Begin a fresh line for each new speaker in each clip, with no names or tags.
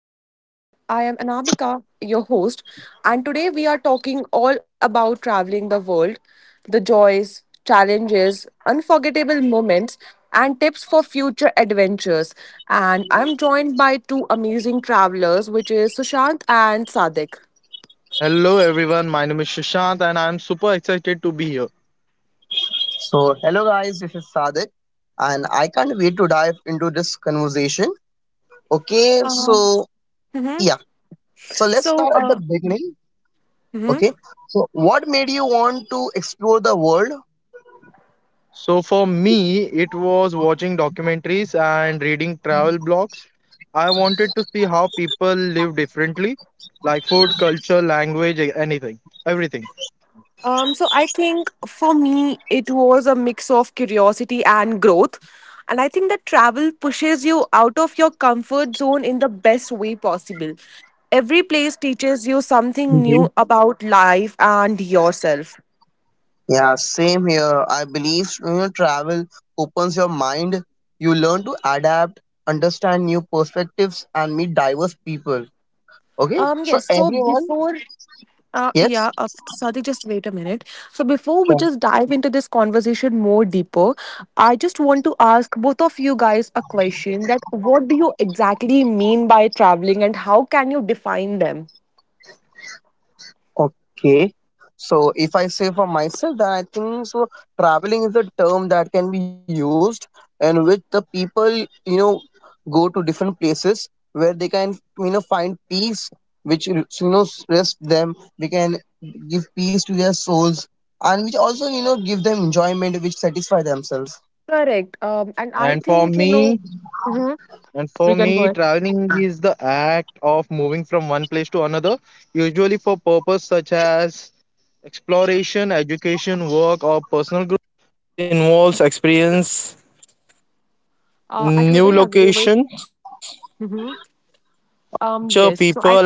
Chronicles. I am Anamika, your host, and today we are talking all about traveling the world, the joys, challenges, unforgettable moments, and tips for future adventures. And I'm joined by two amazing travelers, which is Sushant and Sadik.
Hello everyone, my name is Shashant and I'm super excited to be here.
So, hello guys, this is Sadik, and I can't wait to dive into this conversation. Okay,
Um,
so
mhm.
yeah, so let's
So,
start at the beginning.
mhm.
Okay, so what made you want to explore the world?
So for me, it was watching documentaries and reading travel blogs. I wanted to see how people live differently, like food, culture, language, anything, everything.
So I think for me, it was a mix of curiosity and growth. And I think that travel pushes you out of your comfort zone in the best way possible. Every place teaches you something
Mhm.
new about life and yourself.
Yeah, same here. I believe travel opens your mind, you learn to adapt, understand new perspectives, and meet diverse people. Okay, so
Yes. so
everyone,
before
yes,
Yeah, Sadiq, just wait a minute. So before we
sure.
just dive into this conversation more deeper, I just want to ask both of you guys a question that what do you exactly mean by traveling and how can you define them?
Okay. So if I say for myself, then I think so traveling is a term that can be used in which the people, know, go to different places where they can, find peace, which, rest them. They can give peace to their souls and which also, give them enjoyment, which satisfy themselves.
Correct. And I
And for
think.
me,
Mhm.
and for
You can go
me,
ahead.
traveling is the act of moving from one place to another, usually for purpose such as exploration, education, work, or personal.
I totally agree with. Mhm. Yes. So I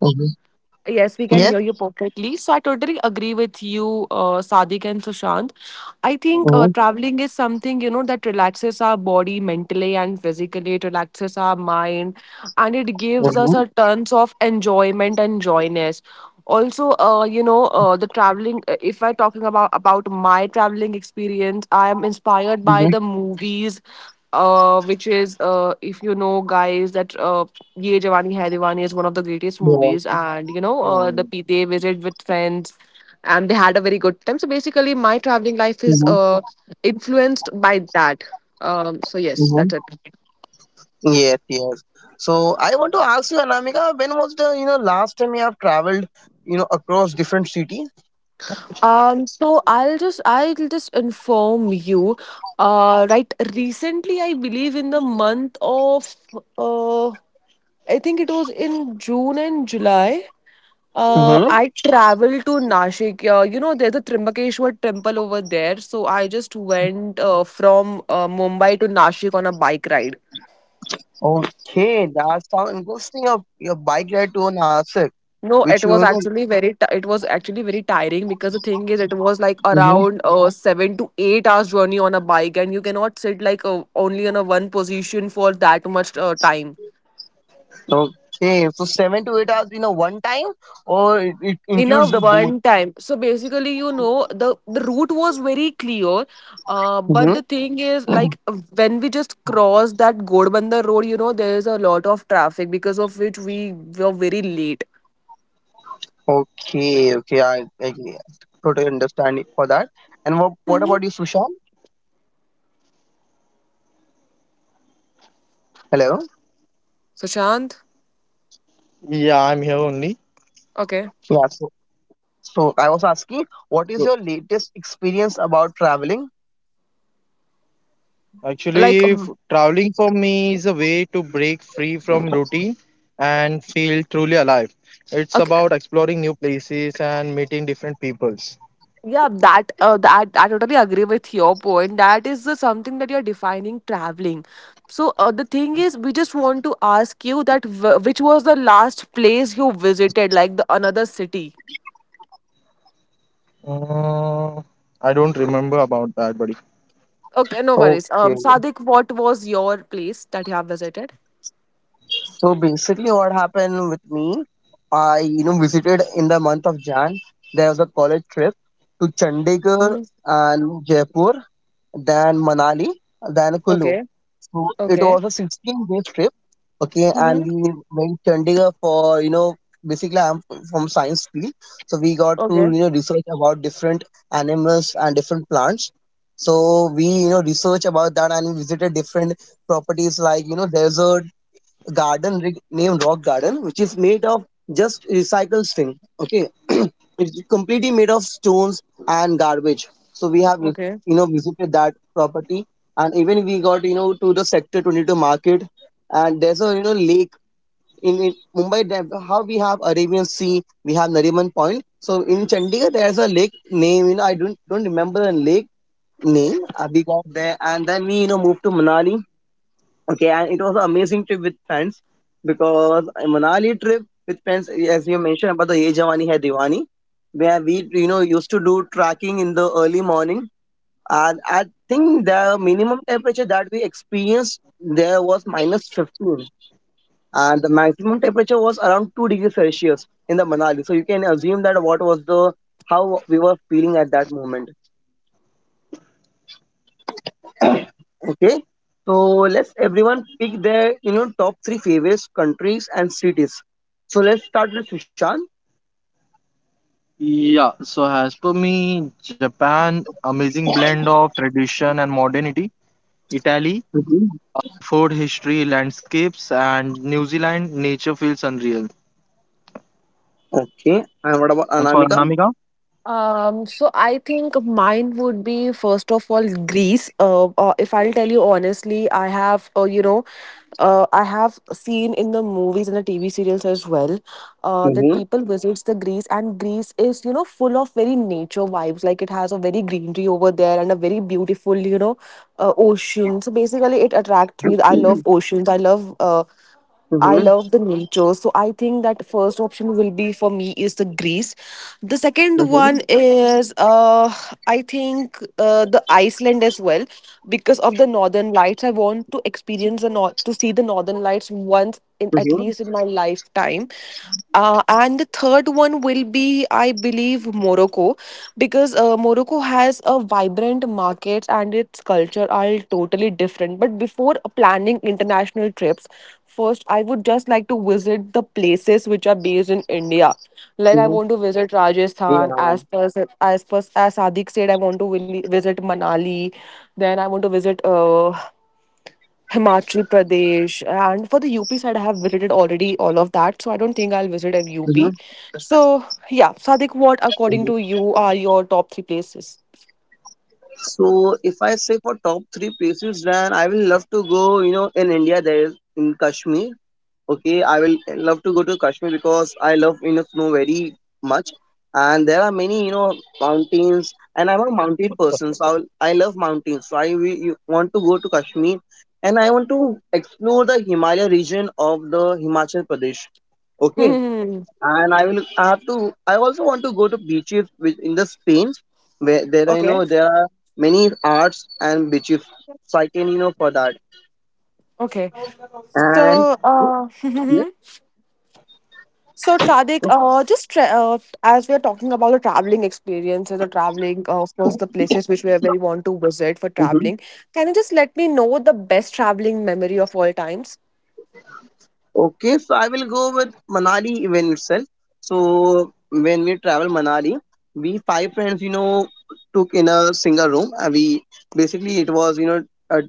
Mhm.
Yes, we can
Yes.
hear you perfectly. So I totally agree with you, Sadiq and Sushant. I think
Mhm.
Mhm.
traveling is something that relaxes our body mentally and physically. It relaxes our mind, and it gives us
Mhm.
a tons of enjoyment and joyness. Also, the traveling. If I'm talking about my traveling experience, I am inspired by
Mhm.
the movies, which is, if you know, guys, that, Ye Jawani Hai Diwani is one of the greatest
Yeah.
movies, and they
Mm.
visit with friends, and they had a very good time. So basically, my traveling life is
Mhm.
influenced by that. So yes,
Mhm.
that's it.
Yes, yes. So I want to ask you, Anamika, when was the last time you have traveled, across different cities?
So I'll just inform you. Right. Recently, I believe, in the month of uh, I think it was in June and July.
Mm-hmm.
I traveled to Nashik. There's a Trimbakeshwar temple over there. So I just went, from, Mumbai to Nashik on a bike ride.
Okay, that sounds interesting. Your bike ride to Nasik,
No,
which you know.
it was actually very tiring because the thing is, it was like
Mhm.
around, 7 to 8 hours journey on a bike, and you cannot sit like, only on a one position for that much, time.
Okay, so 7 to 8 hours, one time, or it
In a
includes the
one
both.
time. So basically, the route was very clear, but
Mm-hmm.
the thing is like when we just crossed that godbanda road, you know, there is a lot of traffic because of which we were very late.
Okay, okay, I totally understand it for that. And what
Mhm.
about you, Sushant? Hello.
So,
Yeah, I'm here only.
okay,
Yeah. So so I was asking, what is your
So
latest experience about traveling?
like,
actually, traveling for me is a way to break free from routine and feel truly alive.
okay,
It's about exploring new places and meeting different peoples.
yeah, that I totally agree with your point. That is, something that you're defining traveling. So, the thing is, we just want to ask you that, which was the last place you visited, like the another city.
Mm, I don't remember about that, buddy.
Okay, no worries.
Okay.
Sadik, what was your place that you have visited?
So basically, what happened with me, I visited in the month of Jan. There was a college trip to Chandigarh
Mhm.
and Jaipur, then Manali, then Kulu.
Okay,
So it
okay.
was a 16-day trip. Okay, and
Hmm.
we went Chandigarh for basically I'm from science field, so we got to
Okay,
research about different animals and different plants. So we research about that and visited different properties like there's a named Rock Garden, which is made of just recycled thing. Okay, it's completely made of stones and garbage. So we have
okay.
visited that property, and even we got to the Sector 22 market, and there's a lake in Mumbai. How we have Arabian Sea, we have Nariman Point. So in Chandigarh, there's a lake name. You know, I don't remember the lake name. We got there, and then we moved to Manali. Okay, and it was an amazing trip with friends because a Manali trip with friends, as you mentioned about the Ye Jawani Hai Diwani, where we used to do trekking in the early morning, and I think the minimum temperature that we experienced there was minus 15, and the maximum temperature was around 2 degrees Celsius in the Manali. So you can assume that what was the how we were feeling at that moment. Okay, so let's everyone pick their top three favorites countries and cities. So let's start with Sushant.
Yeah, so as per me, Japan, amazing blend of tradition and modernity. Italy,
Mhm.
food, history, landscapes, and New Zealand, nature feels unreal.
Okay, and what about
And for
Anamika?
Anamika?
So I think mine would be first of all Greece. If I'll tell you honestly, I have seen in the movies and the TV serials as well, that
Mm-hmm.
people visits the Greece, and Greece is, full of very nature vibes. Like it has a very greenery over there and a very beautiful, ocean. So basically, it attracts me. I love
Mm-hmm.
oceans. I love the nature. So I think that first option will be for me is the Greece. The second
Mm-hmm.
one is, I think, the Iceland as well, because of the northern lights. I want to experience the north to see the northern lights once in at least in my
Mm-hmm.
lifetime. And the third one will be, I believe, Morocco, because, Morocco has a vibrant markets and its culture are totally different. But before planning international trips, first I would just like to visit the places which are based in India. Like I want to visit
Yeah.
Rajasthan, as per as Sadiq said. I want to visit Manali. Then I want to visit, Himachal Pradesh, and for the UP side, I have visited already all of that, so I don't think I'll visit a UP.
Hmm.
So yeah, Sadik, what according to you are your top three places?
So if I say for top three places, then I will love to go. You know, in India there is in Kashmir. Okay, I will love to go to Kashmir because I love snow very much, and there are many mountains, and I'm a mountain person, so I love mountains. So I will, you want to go to Kashmir, and I want to explore the Himalaya region of the Himachal Pradesh. Okay,
Hmm.
and I will I have to I also want to go to beaches which in the Spain where there are
Okay,
there are many arts and beaches, so I can you know for that
okay.
and
So,
yes.
so, Sadik, just as we are talking about the traveling experiences, the traveling, of course, the places which we want to visit for traveling, can you just let me know the best traveling memory of all times?
Okay, so I will go with Manali event itself. So when we travel Manali, we five friends, took in a single room. And we basically it was a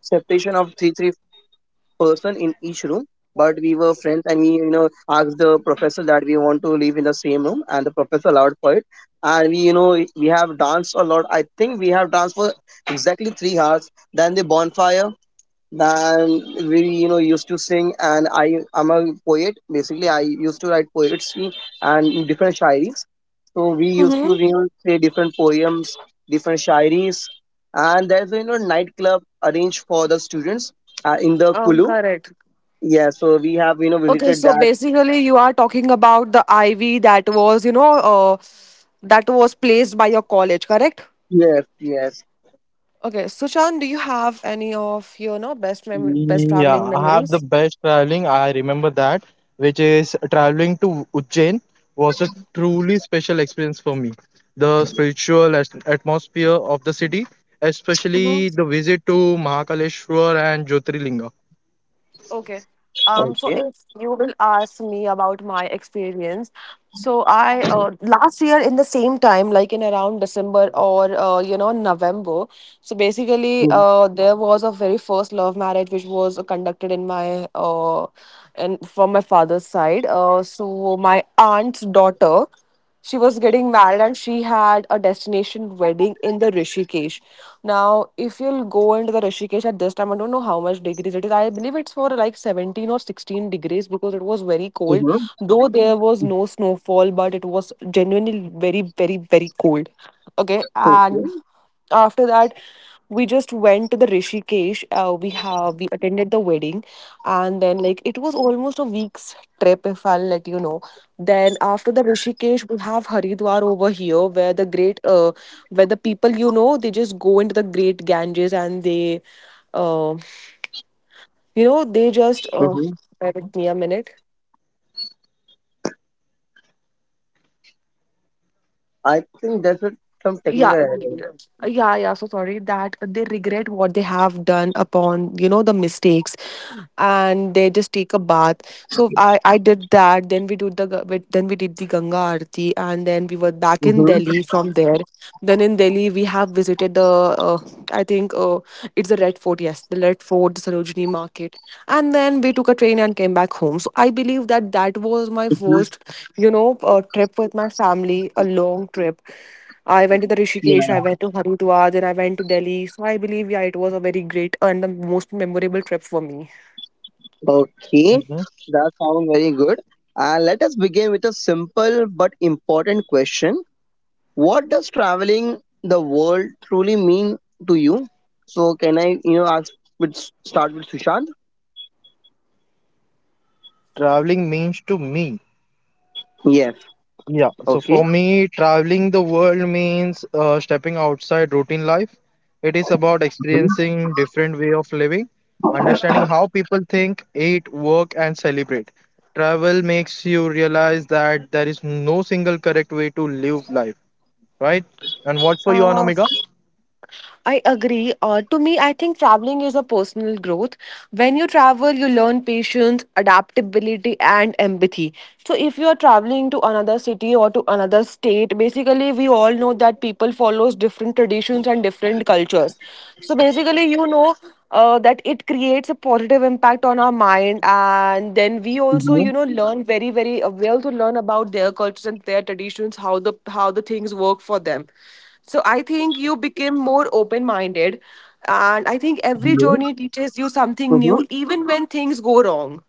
separation of three person in each room. But we were friends, and we asked the professor that we want to live in the same room, and the professor allowed for it. And we we have danced a lot. I think we have danced for exactly 3 hours. Then the bonfire than we used to sing, and I am a poet. Basically I used to write poetry and different shairis, so we used to
Mm-hmm.
say different poems, different shairis, and there's a nightclub arranged for the students in the Kulu.
Correct.
Yeah, so we have
Okay,
visited
so
that.
basically, you are talking about the ivy that was placed by your college, correct?
Yes, yes.
Okay, Sushan, do you have any of your, best traveling
Yeah, I have the
memories?
best traveling. I remember that, which is traveling to Ujjain was a truly special experience for me. The spiritual atmosphere of the city, especially the visit to Mahakaleshwar and Jyotirlinga.
Okay. Um,
Okay.
so if you will ask me about my experience, so I, last year in the same time, like in around December or, November. So basically, there was a very first love marriage which was conducted in my in from my father's side. So my aunt's daughter, she was getting married and she had a destination wedding in the Rishikesh. Now, if you'll go into the Rishikesh at this time, I don't know how much degrees it is. I believe it's for like 17 or 16 degrees because it was very cold.
Mm-hmm.
Though there was no snowfall, but it was genuinely very, very, very cold. Okay, and
Okay.
after that, we just went to the Rishikesh. We attended the wedding, and then like it was almost a week's trip, if I'll let you know. Then after the Rishikesh, we have Haridwar over here, where the people, you know, they just go into the great Ganges and uh, they just,
Hmm.
bear with me a minute.
I think that's a, some
Yeah,
technical error.
yeah, yeah. So sorry, that they regret what they have done upon, the mistakes, and they just take a bath. So I did that. Then we did the Ganga Aarti, and then we were back in
Mhm.
Delhi from there. Then in Delhi we have visited, the uh, I think, it's the Red Fort. Yes, the Red Fort, the Sarojini Market, and then we took a train and came back home. So I believe that that was my first, trip with my family, a long trip. I went to the Rishikesh, I went to Haridwar, then I went to Delhi. So I believe, yeah, it was a very great and the most memorable trip for me.
Okay,
Mhm.
that sounds very good. Let us begin with a simple but important question. What does traveling the world truly mean to you? So, can I, ask with start with Sushant?
Traveling means to me.
Yes.
Yeah, so for
Okay.
me, traveling the world means stepping outside routine life. It is about
Mhm.
experiencing different way of living, understanding how people think, eat, work, and celebrate. Travel makes you realize that there is no single correct way to live life, right? And what for you,
Uh,
Anamika?
I agree. To me, I think traveling is a personal growth. When you travel, you learn patience, adaptability,
Okay.
and empathy. So,
Yeah,
if you are
Sushant, can you
traveling
hear
to
me?
another city or to another state, basically, we all know that people follows different traditions and different cultures. So, basically, that it creates a positive impact on our mind, and then we also,
Mhm.
learn very, very, well to learn about their cultures and their traditions, how the things work for them. So I think you became more open minded. And I think every
Hello. Mhm.
journey teaches you something new,
Mm-hmm.
even when things go wrong.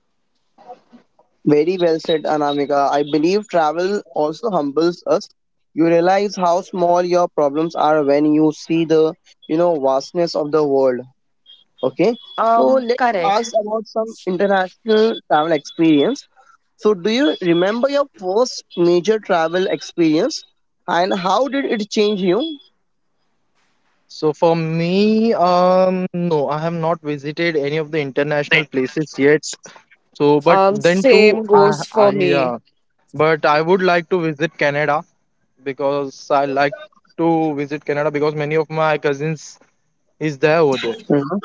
Very well said, Anamika. I believe travel also humbles us. You realize how small your problems are when you see the, vastness of the world. Okay, so let's
Correct.
ask about some international travel experience. So, do you remember your first major travel experience and how did it change you?
So for me, no, I have not visited any of the international places yet. So, but then too,
Same
I,
goes for
I,
me.
uh, but I would like to visit Canada because I like to visit Canada because many of my cousins is there over there.
Mhm.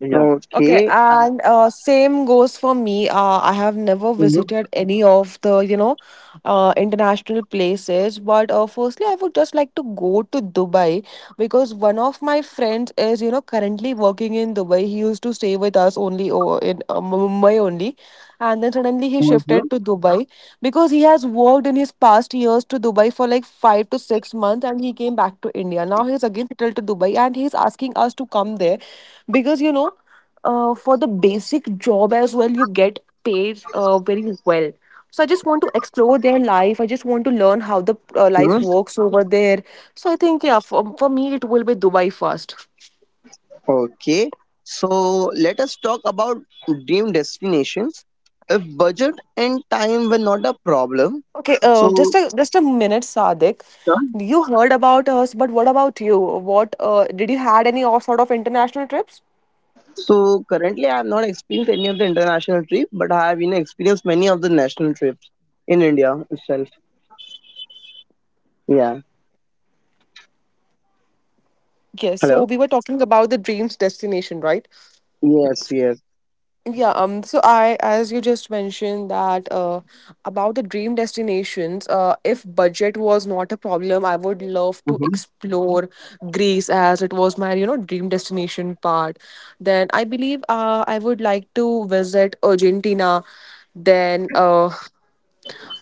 Yeah.
Okay,
Okay.
and, same goes for me. I have never
Mhm.
visited any of the, international places. But, firstly, I would just like to go to Dubai because one of my friends is, currently working in Dubai. He used to stay with us only over in, Mumbai only. And then suddenly he
Mhm.
shifted to Dubai because he has worked in his past years to Dubai for like 5 to 6 months and he came back to India. Now he's again settled to Dubai and he's asking us to come there because, for the basic job as well, you get paid, very well. So I just want to explore their life. I just want to learn how the, life
Mhm.
works over there. So I think, yeah, for me it will be Dubai first.
Okay, so let us talk about dream destinations. If budget and time were not a problem,
Okay,
so
just a minute, Sadik. You heard about us, but what about you? What, did you had any or sort of international trips?
so currently, I have not experienced any of the international trip, but I have experienced many of the national trips in India itself. Yeah.
Yes, so
Hello.
we were talking about the dreams destination, right?
Yes. Yes.
Yeah, so I, as you just mentioned that, about the dream destinations, if budget was not a problem, I would love to
Mhm.
explore Greece as it was my, dream destination part. Then I believe, I would like to visit Argentina. Then,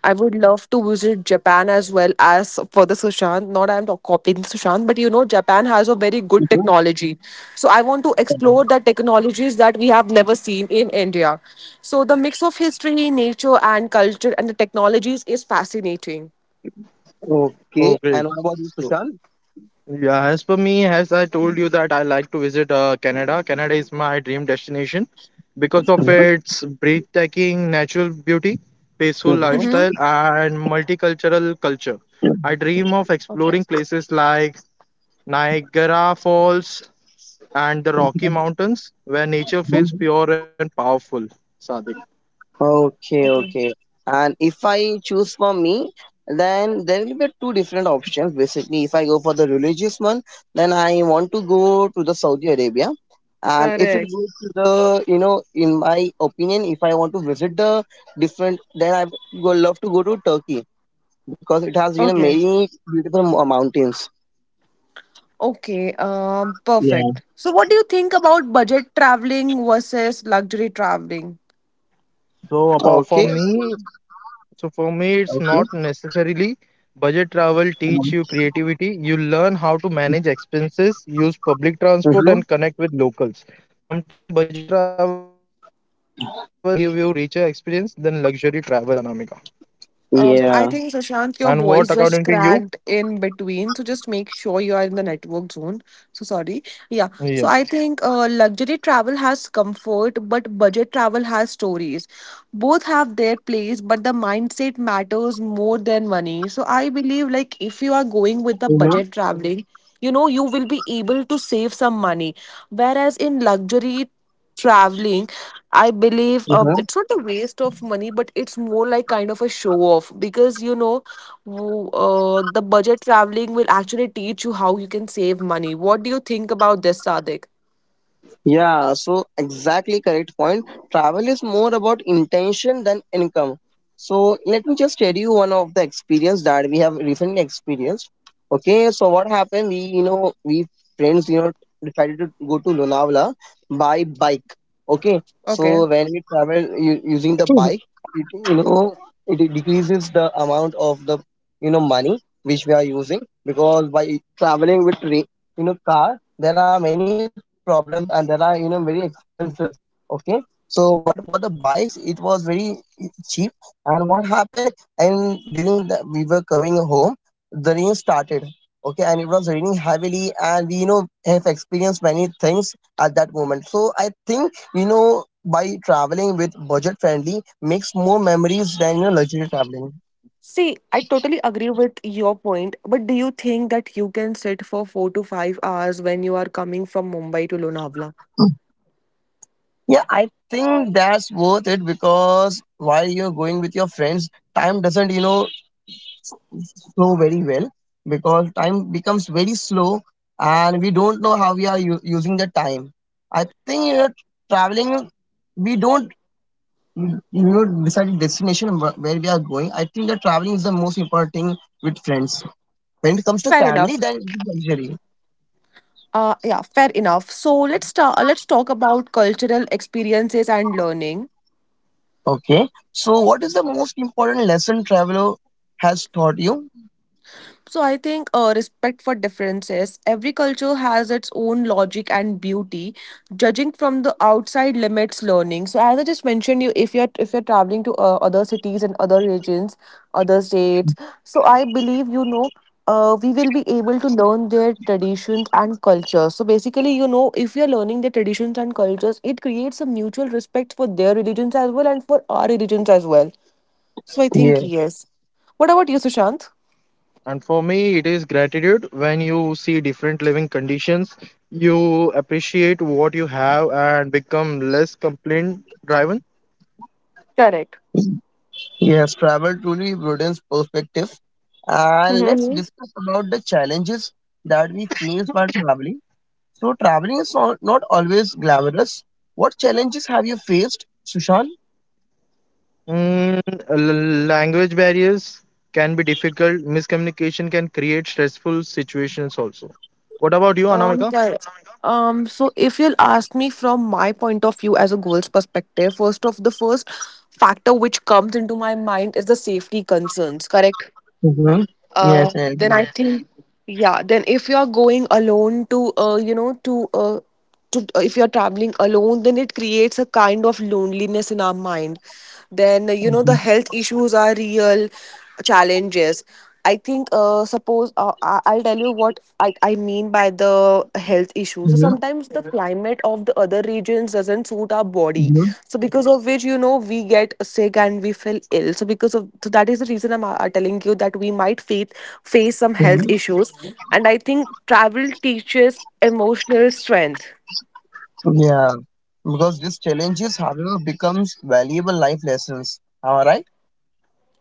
I would love to visit Japan as well as for the Sushant. Not I'm not copying Sushant, but, Japan has a very good
Mhm.
technology. So I want to explore the technologies that we have never seen in India. So the mix of history, nature, and culture and the technologies is fascinating.
Okay.
Oh,
And
great.
what about you,
So,
Sushant?
yeah, as for me, as I told you that I like to visit Canada. Canada is my dream destination because of its breathtaking natural beauty, peaceful
Mhm.
Mm-hmm.
lifestyle, and multicultural culture. I dream of
Okay.
exploring places like Niagara Falls and the Rocky Mountains, where nature feels
Mhm.
pure and powerful. Sadik.
Okay,
Okay.
okay. And if I choose for me, then there will be two different options. Basically, if I go for the religious one, then I want to go to the Saudi Arabia. And if it
Correct.
goes to the, in my opinion, if I want to visit the different, then I would love to go to Turkey because it has,
Okay.
many beautiful mountains.
Okay. Perfect. So, what do you think about budget traveling versus luxury traveling?
So, about
Okay.
for me, so for me, it's
Okay.
not necessarily. Budget travel teach you creativity. You learn how to manage expenses, use public transport,
Mm-hmm.
and connect with locals. Sometimes budget travel give you richer experience than luxury travel, Anamika. And
I
Yeah.
what
think
according to
Sushant, your
you?
voice just cracked in between, so just make sure you are in the network zone. So sorry.
Yeah.
Yeah. So I think luxury travel has comfort, but budget travel has stories. Both have their place, but the mindset matters more than money. So I believe like if you are going with the
You know?
budget traveling, you know you will be able to save some money, whereas in luxury traveling I believe it's not a waste of money, but it's more like kind of a show off because you know, the budget traveling will actually teach you how you can save money. What do you think about this, Sadik?
Yeah, so exactly correct point. Travel is more about intention than income. So let me just tell you one of the experience that we have recently experienced. Okay, so what happened? We, we friends, decided to go to Lonavala by bike. Okay,
Okay.
so when we travel using the bike, it, it decreases the amount of the, money which we are using because by traveling with, car, there are many problems and there are very expensive. Okay, so but for the bikes it was very cheap. And what happened, and during the, we were coming home, the rain started. Okay, and it was raining heavily and we have experienced many things at that moment. So I think by traveling with budget friendly makes more memories than luxury traveling.
See, I totally agree with your point, but do you think that you can sit for 4 to 5 hours when you are coming from Mumbai to Lonavala?
Yeah, I think that's worth it because while you're going with your friends, time doesn't, you know, so very well because time becomes very slow and we don't know how we are using the time. I think traveling, we don't decide the destination where we are going. I think that traveling is the most important thing with friends. When it comes to
Fair enough.
family, then it's luxury.
Yeah, fair enough. So let's talk about cultural experiences and learning.
Okay. So, what is the most important lesson traveler has taught you?
So I think respect for differences. Every culture has its own logic and beauty. Judging from the outside limits learning. So as I just mentioned, you if you're traveling to other cities and other regions, other states. So I believe you know. We will be able to learn their traditions and cultures. So basically, you know, if you're learning their traditions and cultures, it creates a mutual respect for their religions as well and for our religions as well. So I think yes. What about you, Sushant?
And for me, it is gratitude. When you see different living conditions, you appreciate what you have and become less complaint driven.
Correct.
Yes, travel truly broadens perspective. And let's
Mhm.
discuss about the challenges that we face while traveling. So, traveling is not always glamorous. What challenges have you faced, Sushant?
Mm, language barriers can be difficult. Miscommunication can create stressful situations also. What about you, Anamika?
Right. So if you'll ask me from my point of view as a girl's perspective, first of the first factor which comes into my mind is the safety concerns, correct?
Mm-hmm. Yes, I
Then
agree.
I think, yeah, then if you're going alone to, you know, if you're traveling alone, then it creates a kind of loneliness in our mind. Then, you know, the
Mhm.
health issues are real challenges. I think, suppose I'll tell you what I mean by the health issue. So
Mhm.
sometimes the climate of the other regions doesn't suit our body.
Mhm.
So because of which you know we get sick and we feel ill. So because of so that is the reason I'm telling you that we might face some health
Mhm.
issues. And I think travel teaches emotional strength.
Yeah, because these challenges, however, becomes valuable life lessons. Am I right?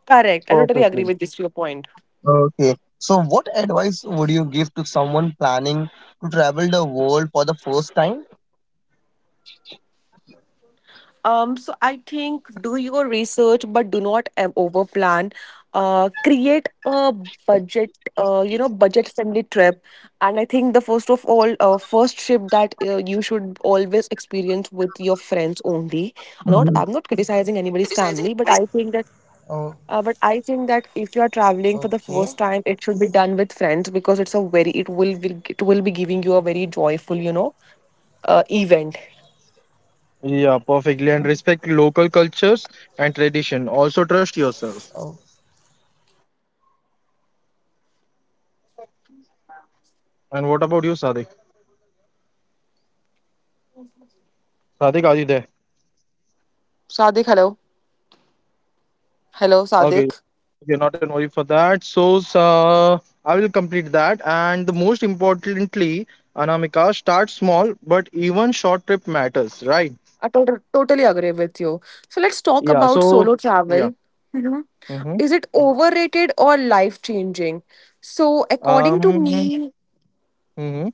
Correct. I totally agree
Perfectly.
with this your point.
Okay. So, what advice would you give to someone planning to travel the world for the first time?
So I think do your research, but do not over plan. Create a budget, you know, budget friendly trip. And I think the first of all, first trip that you should always experience with your friends only. Not, I'm not criticizing anybody's family, but I think that, but I think that if you are traveling for the first time, it should be done with friends because it's a very, it will be giving you a very joyful, you know, event.
Yeah, perfectly. And respect local cultures and tradition. Also trust yourselves. And what about you, Sadiq? Sadiq, are you there?
Sadik, hello, hello, Sadik.
Okay. Okay, not an worry for that. I will complete that. And the most importantly, Anamika, start small, but even short trip matters, right?
I totally agree with you. So let's talk
Yeah.
about
So,
solo
yeah.
travel. Mhm.
Mm-hmm.
Is it overrated or life changing? So according to
Um,
me,
mm-hmm.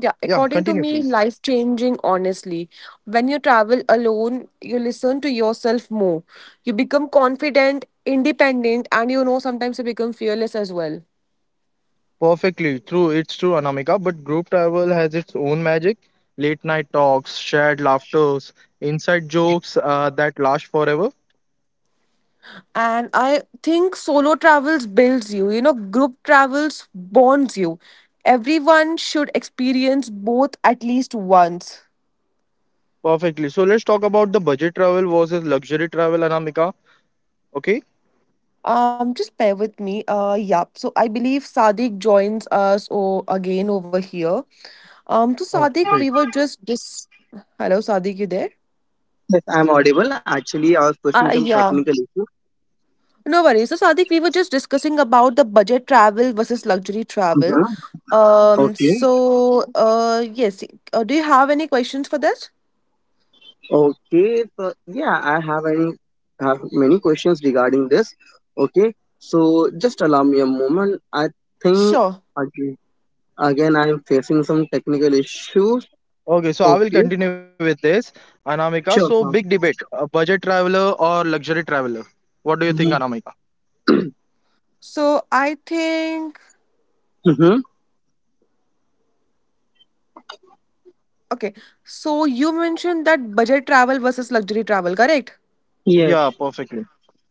yeah,
Yeah,
according to
continue,
me,
please.
life changing. Honestly, when you travel alone, you listen to yourself more. You become confident, independent, and you know sometimes you become fearless as well.
Perfectly. True, it's true, Anamika, but group travel has its own magic. Late night talks, shared laughters, inside jokes that last forever.
And I think solo travels builds you, you know, group travels bonds you. Everyone should experience both at least once.
Perfectly. So let's talk about the budget travel versus luxury travel, Anamika. Okay?
Just bear with me. Yeah. So I believe Sadiq joins us oh, again over here. So
Oh,
Sadiq, we
great.
were just dis. Hello, Sadiq, you there?
Yes, I'm audible. Actually, I was facing some technical
Yeah.
issue.
No worries. So, Sadiq, we were just discussing about the budget travel versus luxury travel.
Mhm. Okay.
Yes. Do you have any questions for this?
Okay. So yeah, I have any have many questions regarding this. Okay. So just allow me a moment. I think
Sure.
again, again I'm facing some technical issues.
Okay, so I will
Okay.
continue with this, Anamika. So,
Sure,
big
ma'am.
debate, a budget traveler or luxury traveler? What do you think,
Mhm.
Anamika?
So I think,
Mhm.
okay. So you mentioned that budget travel versus luxury travel, correct?
Yes.
Yeah, perfectly.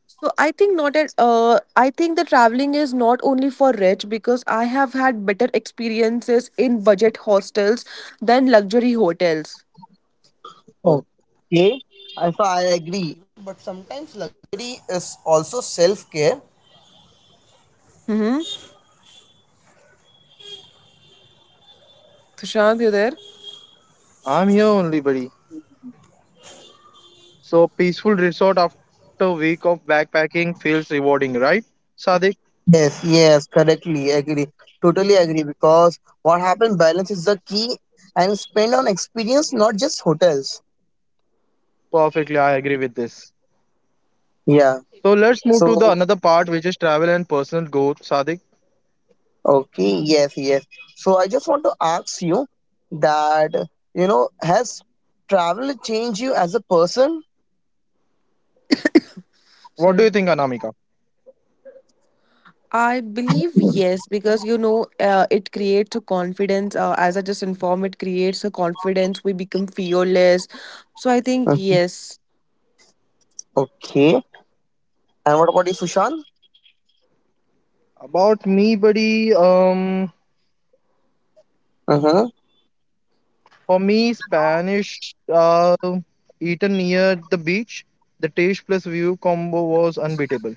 So I think not at I think the traveling is not only for rich because I have had better experiences in budget hostels than luxury hotels.
Oh,
Okay. So I agree.
Mm-hmm. Sushant, you there?
I'm here only, buddy. So peaceful resort after a week of backpacking feels rewarding, right? Sadik,
Totally agree. Totally agree because what happened balance is the key, and spend on experience, not just hotels.
perfectly, I agree with this.
Yeah.
So let's move to the
So
another part, which is travel and personal growth. Sadik,
okay, yes, yes. So I just want to ask you that has travel changed you as a person?
what do
Sorry.
you think, Anamika?
I believe yes, because you know, it creates a confidence. As I just informed, it creates a confidence. We become fearless. So I think
Mhm.
yes.
Okay. And what about you, Sushant?
About me, buddy.
Mhm.
For me, Spanish eaten near the beach, the taste plus view combo was unbeatable.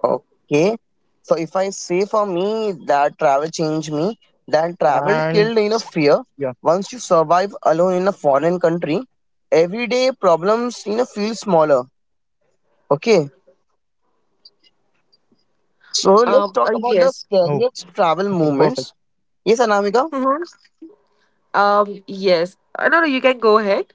Okay. So if I say for
And
me that
yeah,
travel changed me, that travel killed in a fear. Once you survive alone in a foreign country, everyday problems feel smaller. Okay.
oh,
So let's talk about
perfect.
the
Yes.
scariest travel moments. Yes, Anamika?
Mhm. Yes. No, no, you can go ahead.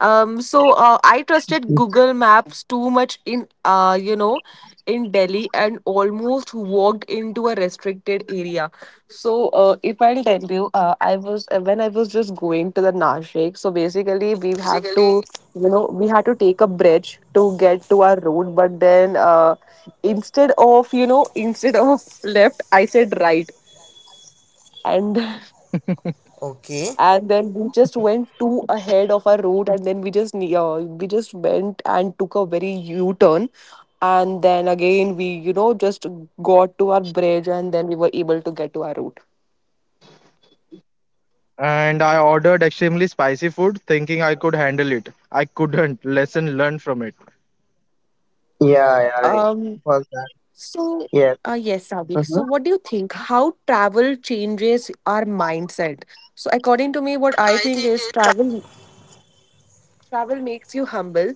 So I trusted Google Maps too much in you know, in Delhi and almost walked into a restricted area. So if I'll tell you, I was when I was just going to the Nashik. So basically, you know, we had to take a bridge to get to our road. But then, instead of you know, instead of left, I said right and and then we just went too ahead of our route and then we just yeah, we just went and took a very u-turn and then again we you know just got to our bridge and then we were able to get to our route
And I ordered extremely spicy food, thinking I could handle it. I couldn't. Lesson learned from it.
Yeah, yeah, I
um
was that.
so
Yes.
yes Savik so
Mhm.
what do you think how travel changes our mindset so according to me what I think is travel makes you humble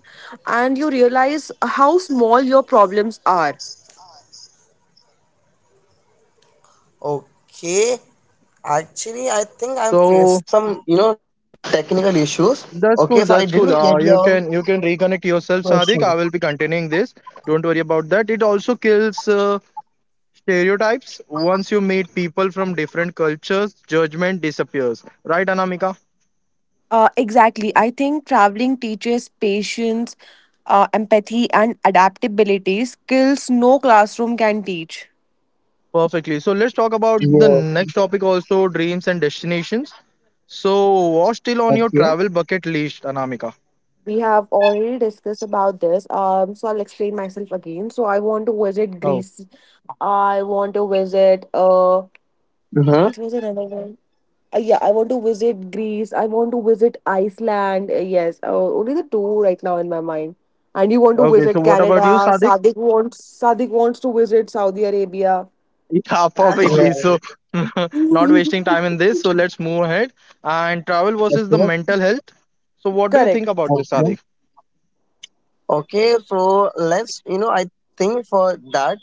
and you realize how small your problems are.
So that's cool. That's cool. You can reconnect yourself,
Question.
Sadiq. I will be continuing this. Don't worry about that. It also kills stereotypes. Once you meet people from different cultures, judgment disappears. Right, Anamika?
Exactly. I think traveling teaches patience, empathy, and adaptability, skills no classroom can teach.
Perfectly. So let's talk
Yeah.
about the next topic also, dreams and destinations. So what's still
Okay.
on your travel bucket list, Anamika?
We have already discussed about this, so I'll explain myself again. So I want to visit
Oh,
Greece. I want to visit.
Mm-hmm.
Which was another one? Yeah, I want to visit Greece. I want to visit Iceland. Yes, only the two right now in my mind. And you want to
okay. So
visit
what about you,
Canada.
Sadiq?
Sadik wants to visit Saudi Arabia.
Yeah,
Yeah.
perfectly. So, not wasting time in this. So, let's move ahead. And travel versus the
Okay.
mental health. So, what do you think
Correct.
about this,
Okay.
Sadiq?
Okay. So let's, I think for that,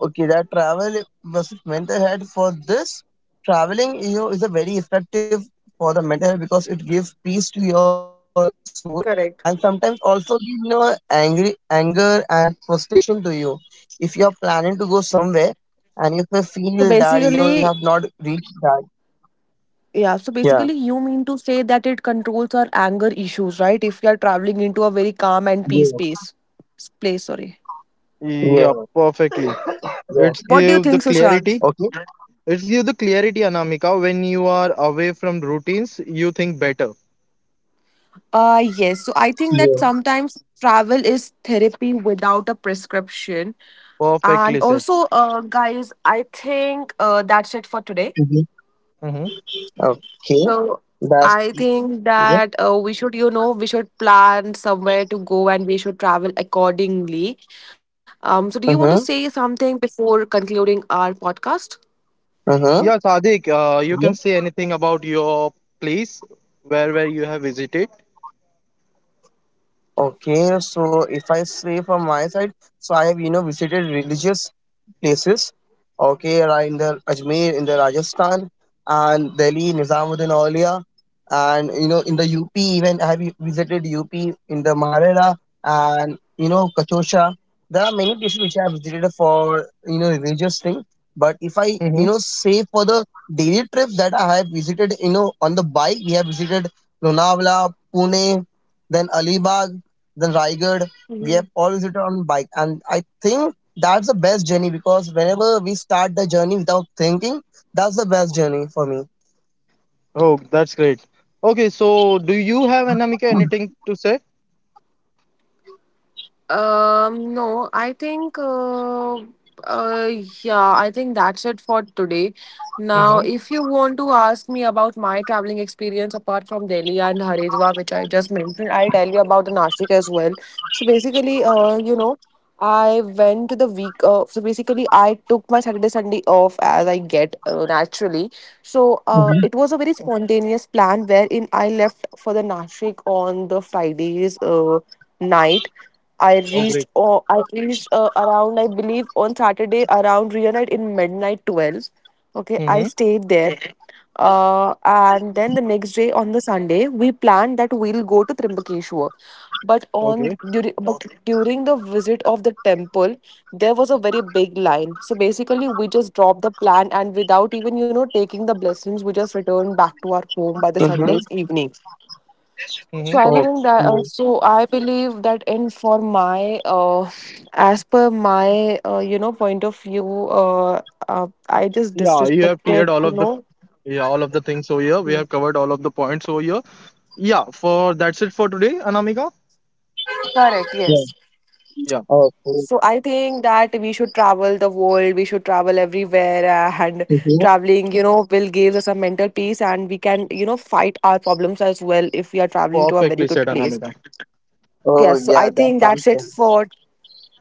okay, that travel versus mental health, for this, traveling, is a very effective for the mental health because it gives peace to your soul
Correct.
and sometimes also give, angry, anger and frustration to you. If you're planning to go somewhere and if you
So
feel that, you
basically,
have not reached that.
yeah, so
Yeah.
basically, you mean to say that it controls our anger issues, right? If you are traveling into a very calm and peace
Yeah.
space, place, sorry.
Yeah,
Yeah.
perfectly. It's
What
Yeah.
do you
give the
think, Sushant?
clarity.
Okay.
It's give the clarity, Anamika. When you are away from routines, you think better.
Yes. So I think that
Yeah.
sometimes travel is therapy without a prescription. And
Perfectly said.
also, guys, I think that's it for today.
Mm-hmm.
Okay,
So
that's
I think
yeah.
that we should, you know, we should plan somewhere to go and we should travel accordingly. So do you want to
Uh
say
huh.
something before concluding our podcast?
Uh huh.
Yeah, Sadiq, you can say anything about your place where you have visited.
Okay, so if I say from my side, so I have visited religious places. Okay, right in the Ajmer in the Rajasthan and Delhi, Nizamuddin Aulia, and in the UP even I have visited UP in the Maharashtra and Katosha. There are many places which I have visited for religious thing. But if I
Mm-hmm.
say for the daily trips that I have visited, on the bike, we have visited Lonavala, Pune, then Alibag, then Raigad. We have all visited on bike, and I think that's the best journey because whenever we start the journey without thinking, that's the best journey for me.
Oh, that's great. Okay, so do you have, Anamika, anything to say?
No, I think, uh, yeah, I think that's it for today. Now,
Mm-hmm.
if you want to ask me about my traveling experience apart from Delhi and Haridwar, which I just mentioned, I'll tell you about the Nashik as well. So basically, you know, I went to the week. So basically, I took my Saturday, Sunday off as I get naturally. So it
Mm-hmm.
was a very spontaneous plan wherein I left for the Nashik on the Fridays. Night I
Oh,
reached
great.
oh, I reached around I believe on Saturday around reunite in midnight 12. Okay, I
Mm-hmm.
stayed there. And then the next day on the Sunday, we planned that we'll go to Trimbakeshwar. But
Okay.
on during but during the visit of the temple, there was a very big line. So basically, we just dropped the plan and without even you know taking the blessings, we just returned back to our home by the
Mm-hmm.
Sunday's evening.
Mm-hmm.
So I
Oh,
believe that.
yeah.
So I believe that as per my, you know, point of view, I just
Yeah, you have
disrespected,
cleared all
you
of the
know.
yeah, all of the things over here. We
Hmm.
have covered all of the points over here. Yeah, for that's it for today, Anamika.
Correct.
Yeah.
Yes.
Yeah,
Okay.
So I think that we should travel the world. We should travel everywhere, and
Mm-hmm.
traveling, you know, will give us a mental peace, and we can, you know, fight our problems as well if we are traveling to a very
perfectly said,
good place.
Anamika.
Oh,
Yes, so
yeah.
I
That
think
sounds
that's it
good.
for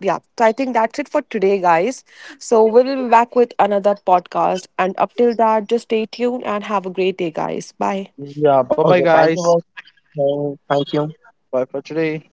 yeah, so I think that's it for today, guys. So we'll be back with another podcast. And up till that, just stay tuned and have a great day, guys. Bye.
Yeah, bye bye
Okay. Thank you
guys.
both. Thank you.
Bye for today.